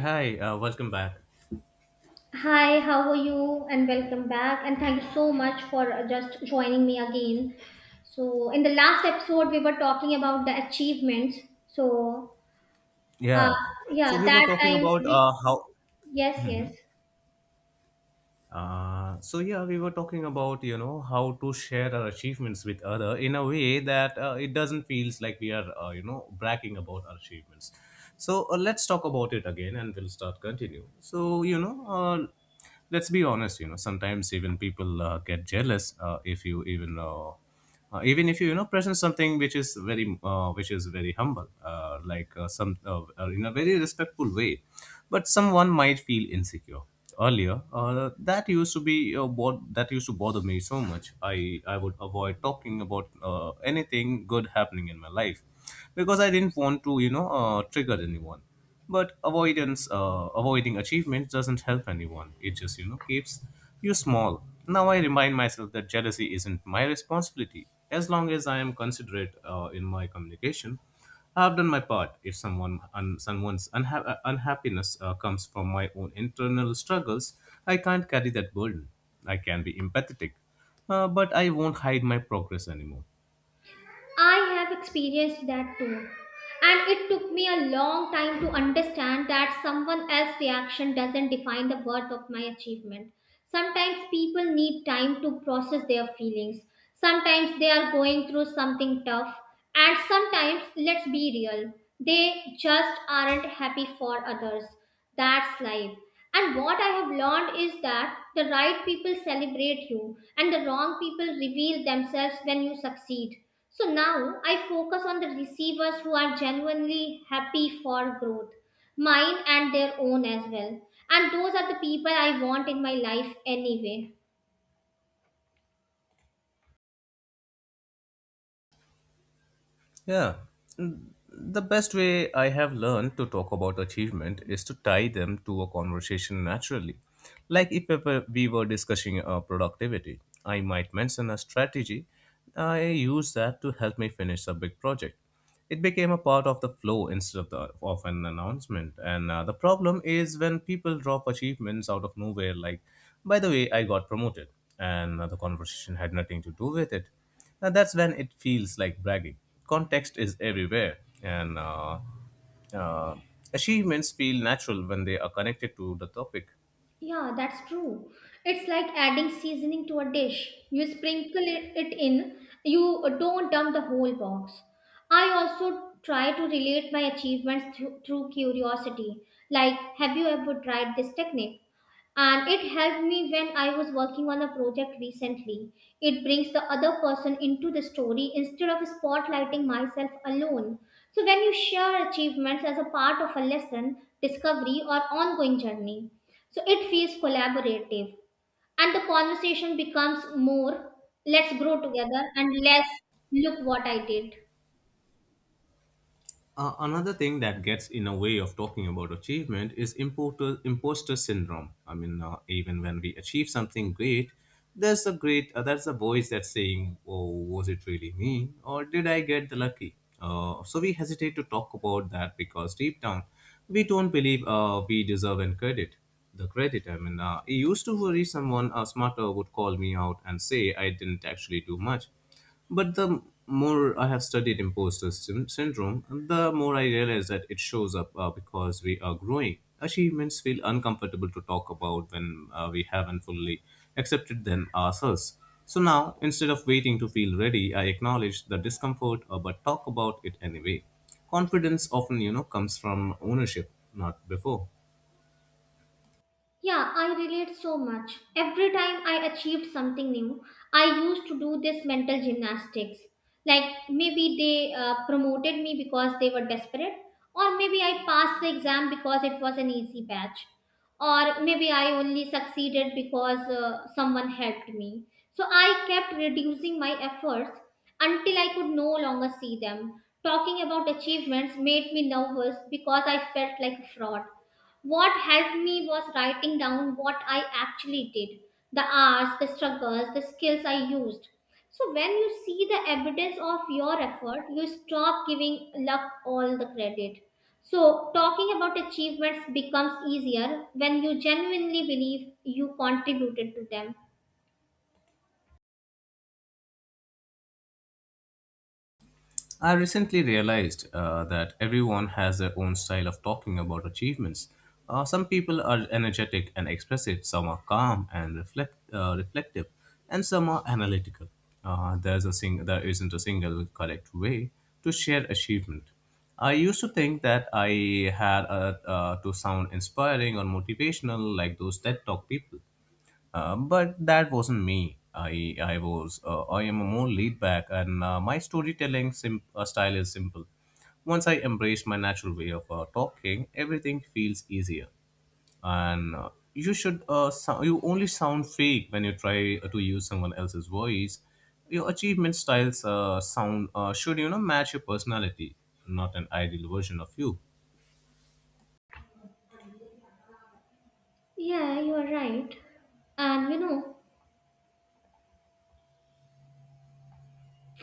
Hi, welcome back. Hi, how are you? And welcome back. And thank you so much for just joining me again. So, in the last episode, we were talking about the achievements. So, uh, Yeah. So yeah, we were that talking time, about we, how. yes, yes. So yeah, we were talking about you know how to share our achievements with other in a way that it doesn't feels like we are you know bragging about our achievements. So let's talk about it again, and we'll start continue. So you know, let's be honest. You know, sometimes even people get jealous if you even. Even if you you know present something which is very humble like some in a very respectful way, but someone might feel insecure earlier. That used to bother me so much. I i would avoid talking about anything good happening in my life because I didn't want to you know trigger anyone. But avoidance, avoiding achievement doesn't help anyone, it just you know keeps you small. Now I remind myself that jealousy isn't my responsibility as long as I am considerate in my communication. I have done my part. If unhappiness comes from my own internal struggles, I can't carry that burden. I can be empathetic, but I won't hide my progress anymore. I have experienced that too. And it took me a long time to understand that someone else's reaction doesn't define the worth of my achievement. Sometimes people need time to process their feelings. Sometimes they are going through something tough. And sometimes, let's be real, they just aren't happy for others. That's life. And what I have learned is that the right people celebrate you and the wrong people reveal themselves when you succeed. So now I focus on the receivers who are genuinely happy for growth, mine and their own as well. And those are the people I want in my life anyway. Yeah. The best way I have learned to talk about achievement is to tie them to a conversation naturally. Like if ever we were discussing productivity, I might mention a strategy. I use that to help me finish a big project. It became a part of the flow instead of, the, of an announcement. And the problem is when people drop achievements out of nowhere, like, by the way, I got promoted, and the conversation had nothing to do with it. Now that's when it feels like bragging. Context is everywhere, and uh, achievements feel natural when they are connected to the topic. Yeah, that's true. It's like adding seasoning to a dish. You sprinkle it in, you don't dump the whole box. I also try to relate my achievements through curiosity. Like, have you ever tried this technique? And it helped me when I was working on a project recently. It brings the other person into the story instead of spotlighting myself alone. So, when you share achievements as a part of a lesson, discovery, or ongoing journey, so it feels collaborative, and the conversation becomes more "let's grow together" and less "look what I did." Another thing that gets in a way of talking about achievement is imposter syndrome. I mean, even when we achieve something great, there's a voice that's saying, "Oh, was it really me, or did I get the lucky?" So we hesitate to talk about that because deep down, we don't believe we deserve any credit. The credit, I mean, it used to worry someone smarter would call me out and say I didn't actually do much. But the more I have studied syndrome, the more I realize that it shows up because we are growing. Achievements feel uncomfortable to talk about when we haven't fully accepted them ourselves. So now, instead of waiting to feel ready, I acknowledge the discomfort but talk about it anyway. Confidence often, you know, comes from ownership, not before. Yeah, I relate so much. Every time I achieved something new, I used to do this mental gymnastics. Like, maybe they promoted me because they were desperate, or maybe I passed the exam because it was an easy batch, or maybe I only succeeded because someone helped me. So I kept reducing my efforts until I could no longer see them. Talking about achievements made me nervous because I felt like a fraud. What helped me was writing down what I actually did, the hours, the struggles, the skills I used. So when you see the evidence of your effort, you stop giving luck all the credit. So talking about achievements becomes easier when you genuinely believe you contributed to them. I recently realized that everyone has their own style of talking about achievements. Some people are energetic and expressive, some are calm and reflective, and some are analytical. There isn't a single correct way to share achievement. I used to think that I had to sound inspiring or motivational like those TED Talk people. But that wasn't me. I was I am more laid back, and my style is simple. Once I embrace my natural way of talking, everything feels easier. And you should you only sound fake when you try to use someone else's voice. Your achievement styles sound should you know match your personality, not an ideal version of you. Yeah, you are right. And you know,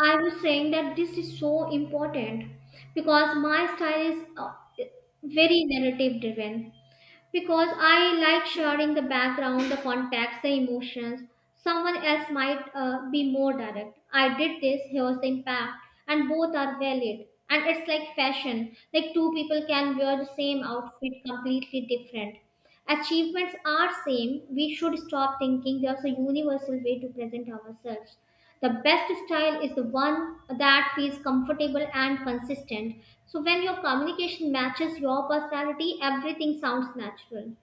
I was saying that this is so important because my style is very narrative driven, because I like sharing the background, the context, the emotions. Someone else might be more direct. I did this, here's the impact, and both are valid. And it's like fashion, like two people can wear the same outfit completely different. Achievements are same. We should stop thinking there's a universal way to present ourselves. The best style is the one that feels comfortable and consistent. So when your communication matches your personality, everything sounds natural.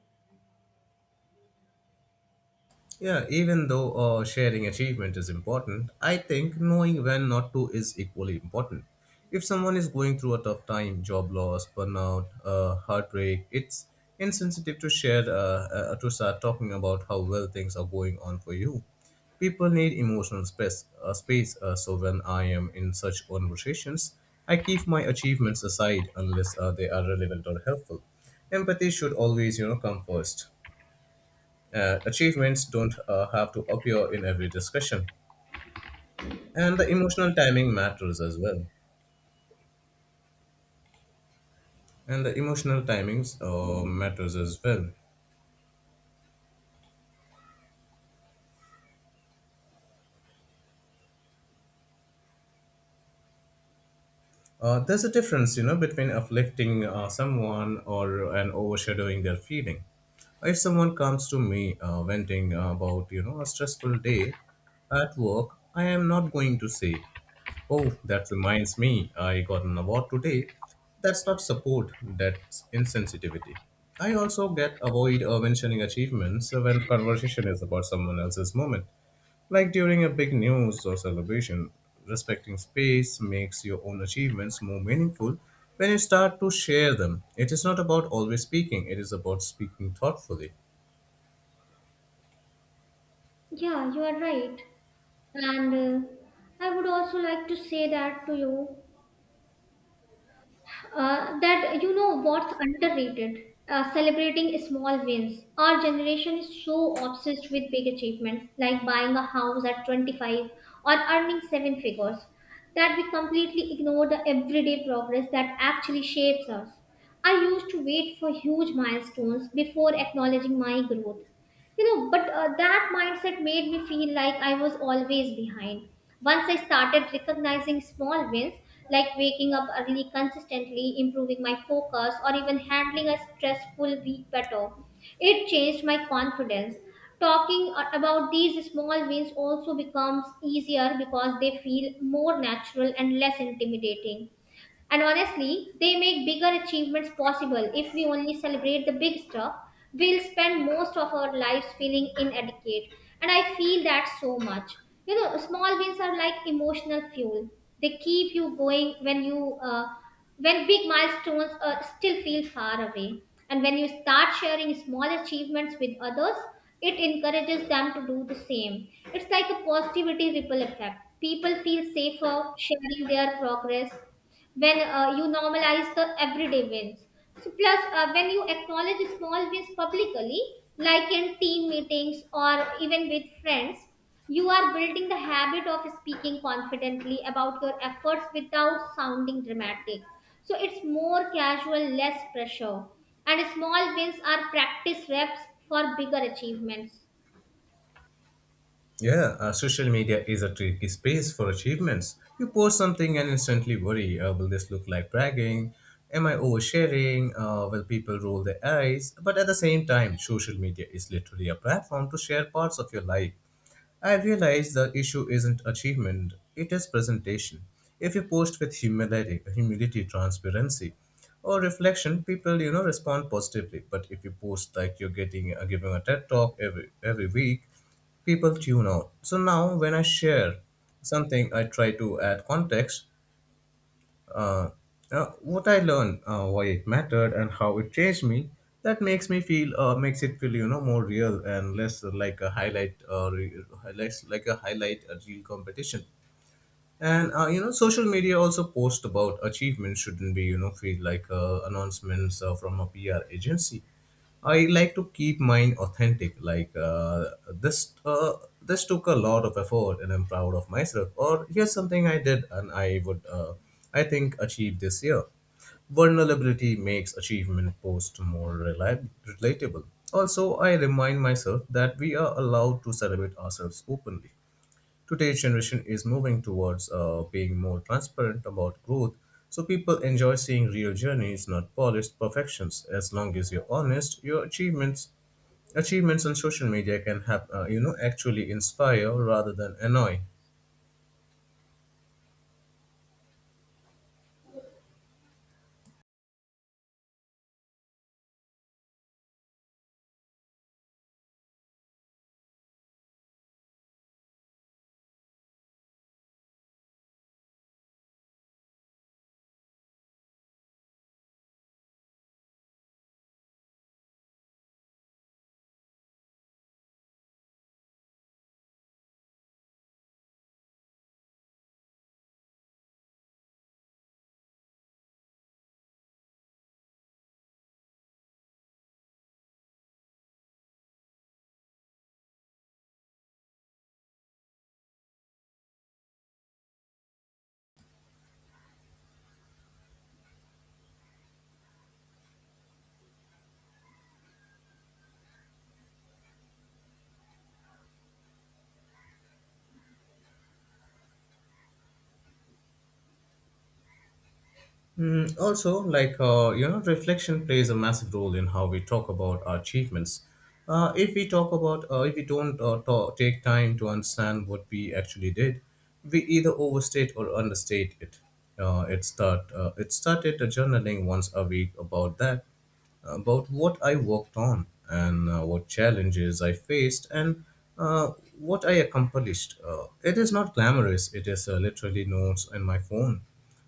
Yeah, even though sharing achievement is important, I think knowing when not to is equally important. If someone is going through a tough time, job loss, burnout, heartbreak, it's insensitive to share to start talking about how well things are going on for you. People need emotional space. Space. So when I am in such conversations, I keep my achievements aside unless they are relevant or helpful. Empathy should always, you know, come first. Achievements don't have to appear in every discussion. And the emotional timing matters as well. And the emotional timings matters as well. There's a difference, you know, between afflicting someone or and overshadowing their feeling. If someone comes to me venting about, you know, a stressful day at work, I am not going to say, "Oh, that reminds me, I got an award today." That's not support, that's insensitivity. I also get avoid mentioning achievements when conversation is about someone else's moment. Like during a big news or celebration, respecting space makes your own achievements more meaningful when you start to share them. It is not about always speaking, it is about speaking thoughtfully. Yeah, you are right. And I would also like to say that to you that, you know, what's underrated, celebrating small wins. Our generation is so obsessed with big achievements, like buying a house at 25 or earning seven figures, that we completely ignore the everyday progress that actually shapes us. I used to wait for huge milestones before acknowledging my growth. You know, but that mindset made me feel like I was always behind. Once I started recognizing small wins, like waking up early, consistently improving my focus, or even handling a stressful week better, it changed my confidence. Talking about these small wins also becomes easier because they feel more natural and less intimidating. And honestly, they make bigger achievements possible. If we only celebrate the big stuff, we'll spend most of our lives feeling inadequate. And I feel that so much. You know, small wins are like emotional fuel. They keep you going when big milestones still feel far away. And when you start sharing small achievements with others, it encourages them to do the same. It's like a positivity ripple effect. People feel safer sharing their progress when you normalize the everyday wins. So plus, when you acknowledge small wins publicly, like in team meetings or even with friends, you are building the habit of speaking confidently about your efforts without sounding dramatic. So it's more casual, less pressure. And small wins are practice reps for bigger achievements. Yeah, social media is a tricky space for achievements. You post something and instantly worry, will this look like bragging? Am I oversharing? Will people roll their eyes? But at the same time, social media is literally a platform to share parts of your life. I realize the issue isn't achievement, it is presentation. If you post with humility, transparency, or reflection, people you know respond positively. But if you post like you're getting giving a TED talk every week, people tune out. So now when I share something, I try to add context, uh, what I learned, why it mattered, and how it changed me. That makes makes it feel, you know, more real and less like a highlight, less like a highlight a real competition. And you know social media also post about achievements shouldn't be you know feel like announcements from a PR agency. I like to keep mine authentic, like, this uh, this took a lot of effort and I'm proud of myself, or here's something I did and I would I think achieve this year. Vulnerability makes achievement posts more relatable. Also I remind myself that we are allowed to celebrate ourselves openly. Today's generation is moving towards being more transparent about growth, so people enjoy seeing real journeys, not polished perfections. As long as you're honest, your achievements on social media can have you know actually inspire rather than annoy. Mm, also, like, you know, reflection plays a massive role in how we talk about our achievements. If we don't ta take time to understand what we actually did, we either overstate or understate it. It started the journaling once a week about that, about what I worked on and what challenges I faced and uh, what I accomplished. It is not glamorous, it is literally notes in my phone.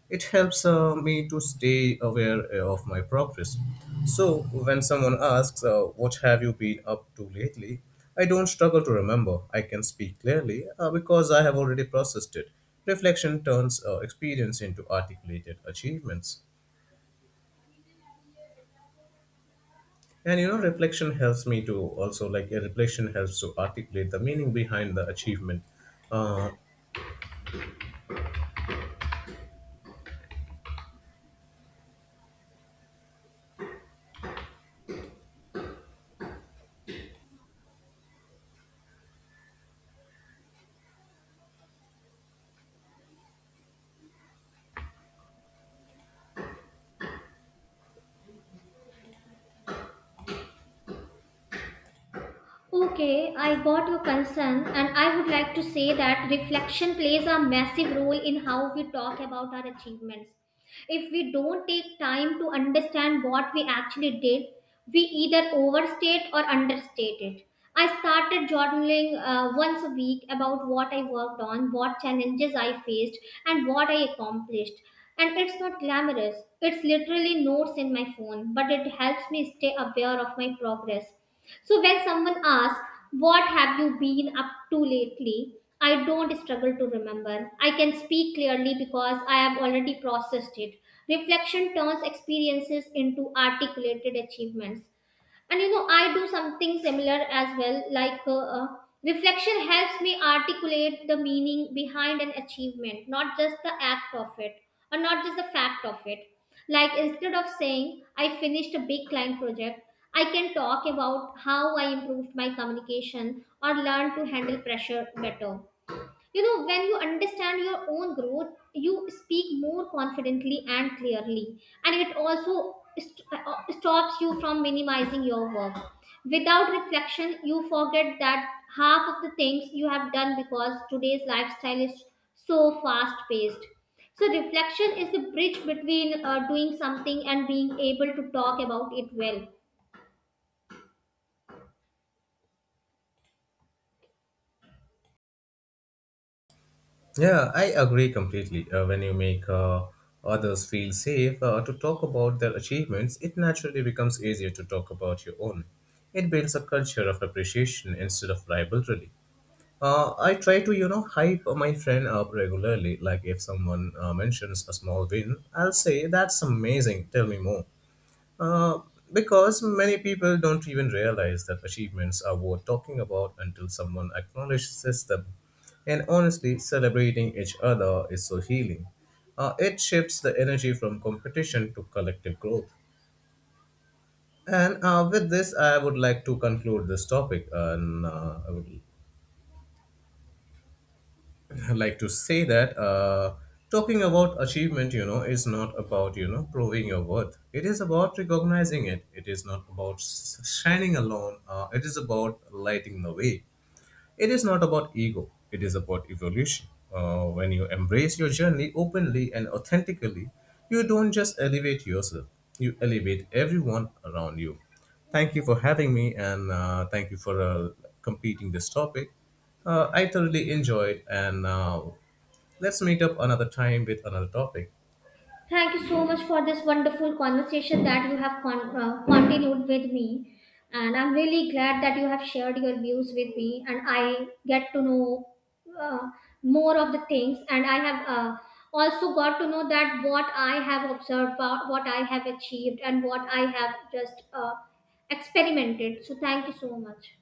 It helps me to stay aware of my progress. So when someone asks, what have you been up to lately? I don't struggle to remember. I can speak clearly because I have already processed it. Reflection turns experience into articulated achievements. And you know, reflection helps me to also like a reflection helps to articulate the meaning behind the achievement. Uh, Okay, I got your concern, and I would like to say that reflection plays a massive role in how we talk about our achievements. If we don't take time to understand what we actually did, we either overstate or understate it. I started journaling once a week about what I worked on, what challenges I faced, and what I accomplished. And it's not glamorous, it's literally notes in my phone, but it helps me stay aware of my progress. So when someone asks, "What have you been up to lately?" I don't struggle to remember. I can speak clearly because I have already processed it. Reflection turns experiences into articulated achievements. And you know, I do something similar as well. Reflection helps me articulate the meaning behind an achievement, not just the act of it, or not just the fact of it. Like, instead of saying, "I finished a big client project," I can talk about how I improved my communication or learned to handle pressure better. You know, when you understand your own growth, you speak more confidently and clearly, and it also stops you from minimizing your work. Without reflection, you forget that half of the things you have done, because today's lifestyle is so fast paced. So reflection is the bridge between doing something and being able to talk about it well. yeah, I agree completely. When you make others feel safe to talk about their achievements, it naturally becomes easier to talk about your own. It builds a culture of appreciation instead of rivalry. I try to, you know, hype my friend up regularly. Like if someone mentions a small win, I'll say, "That's amazing, tell me more." Uh, because many people don't even realize that achievements are worth talking about until someone acknowledges them. And honestly, celebrating each other is so healing. It shifts the energy from competition to collective growth. And with this, I would like to conclude this topic. And I would like to say that talking about achievement, you know, is not about, you know, proving your worth. It is about recognizing it. It is not about shining alone. It is about lighting the way. It is not about ego, it is about evolution. When you embrace your journey openly and authentically, you don't just elevate yourself, you elevate everyone around you. Thank you for having me and thank you for completing this topic. I thoroughly enjoyed and let's meet up another time with another topic. Thank you so much for this wonderful conversation that you have continued with me. And I'm really glad that you have shared your views with me, and I get to know uh, more of the things. And I have also got to know that what I have observed, what I have achieved, and what I have just experimented. So, thank you so much.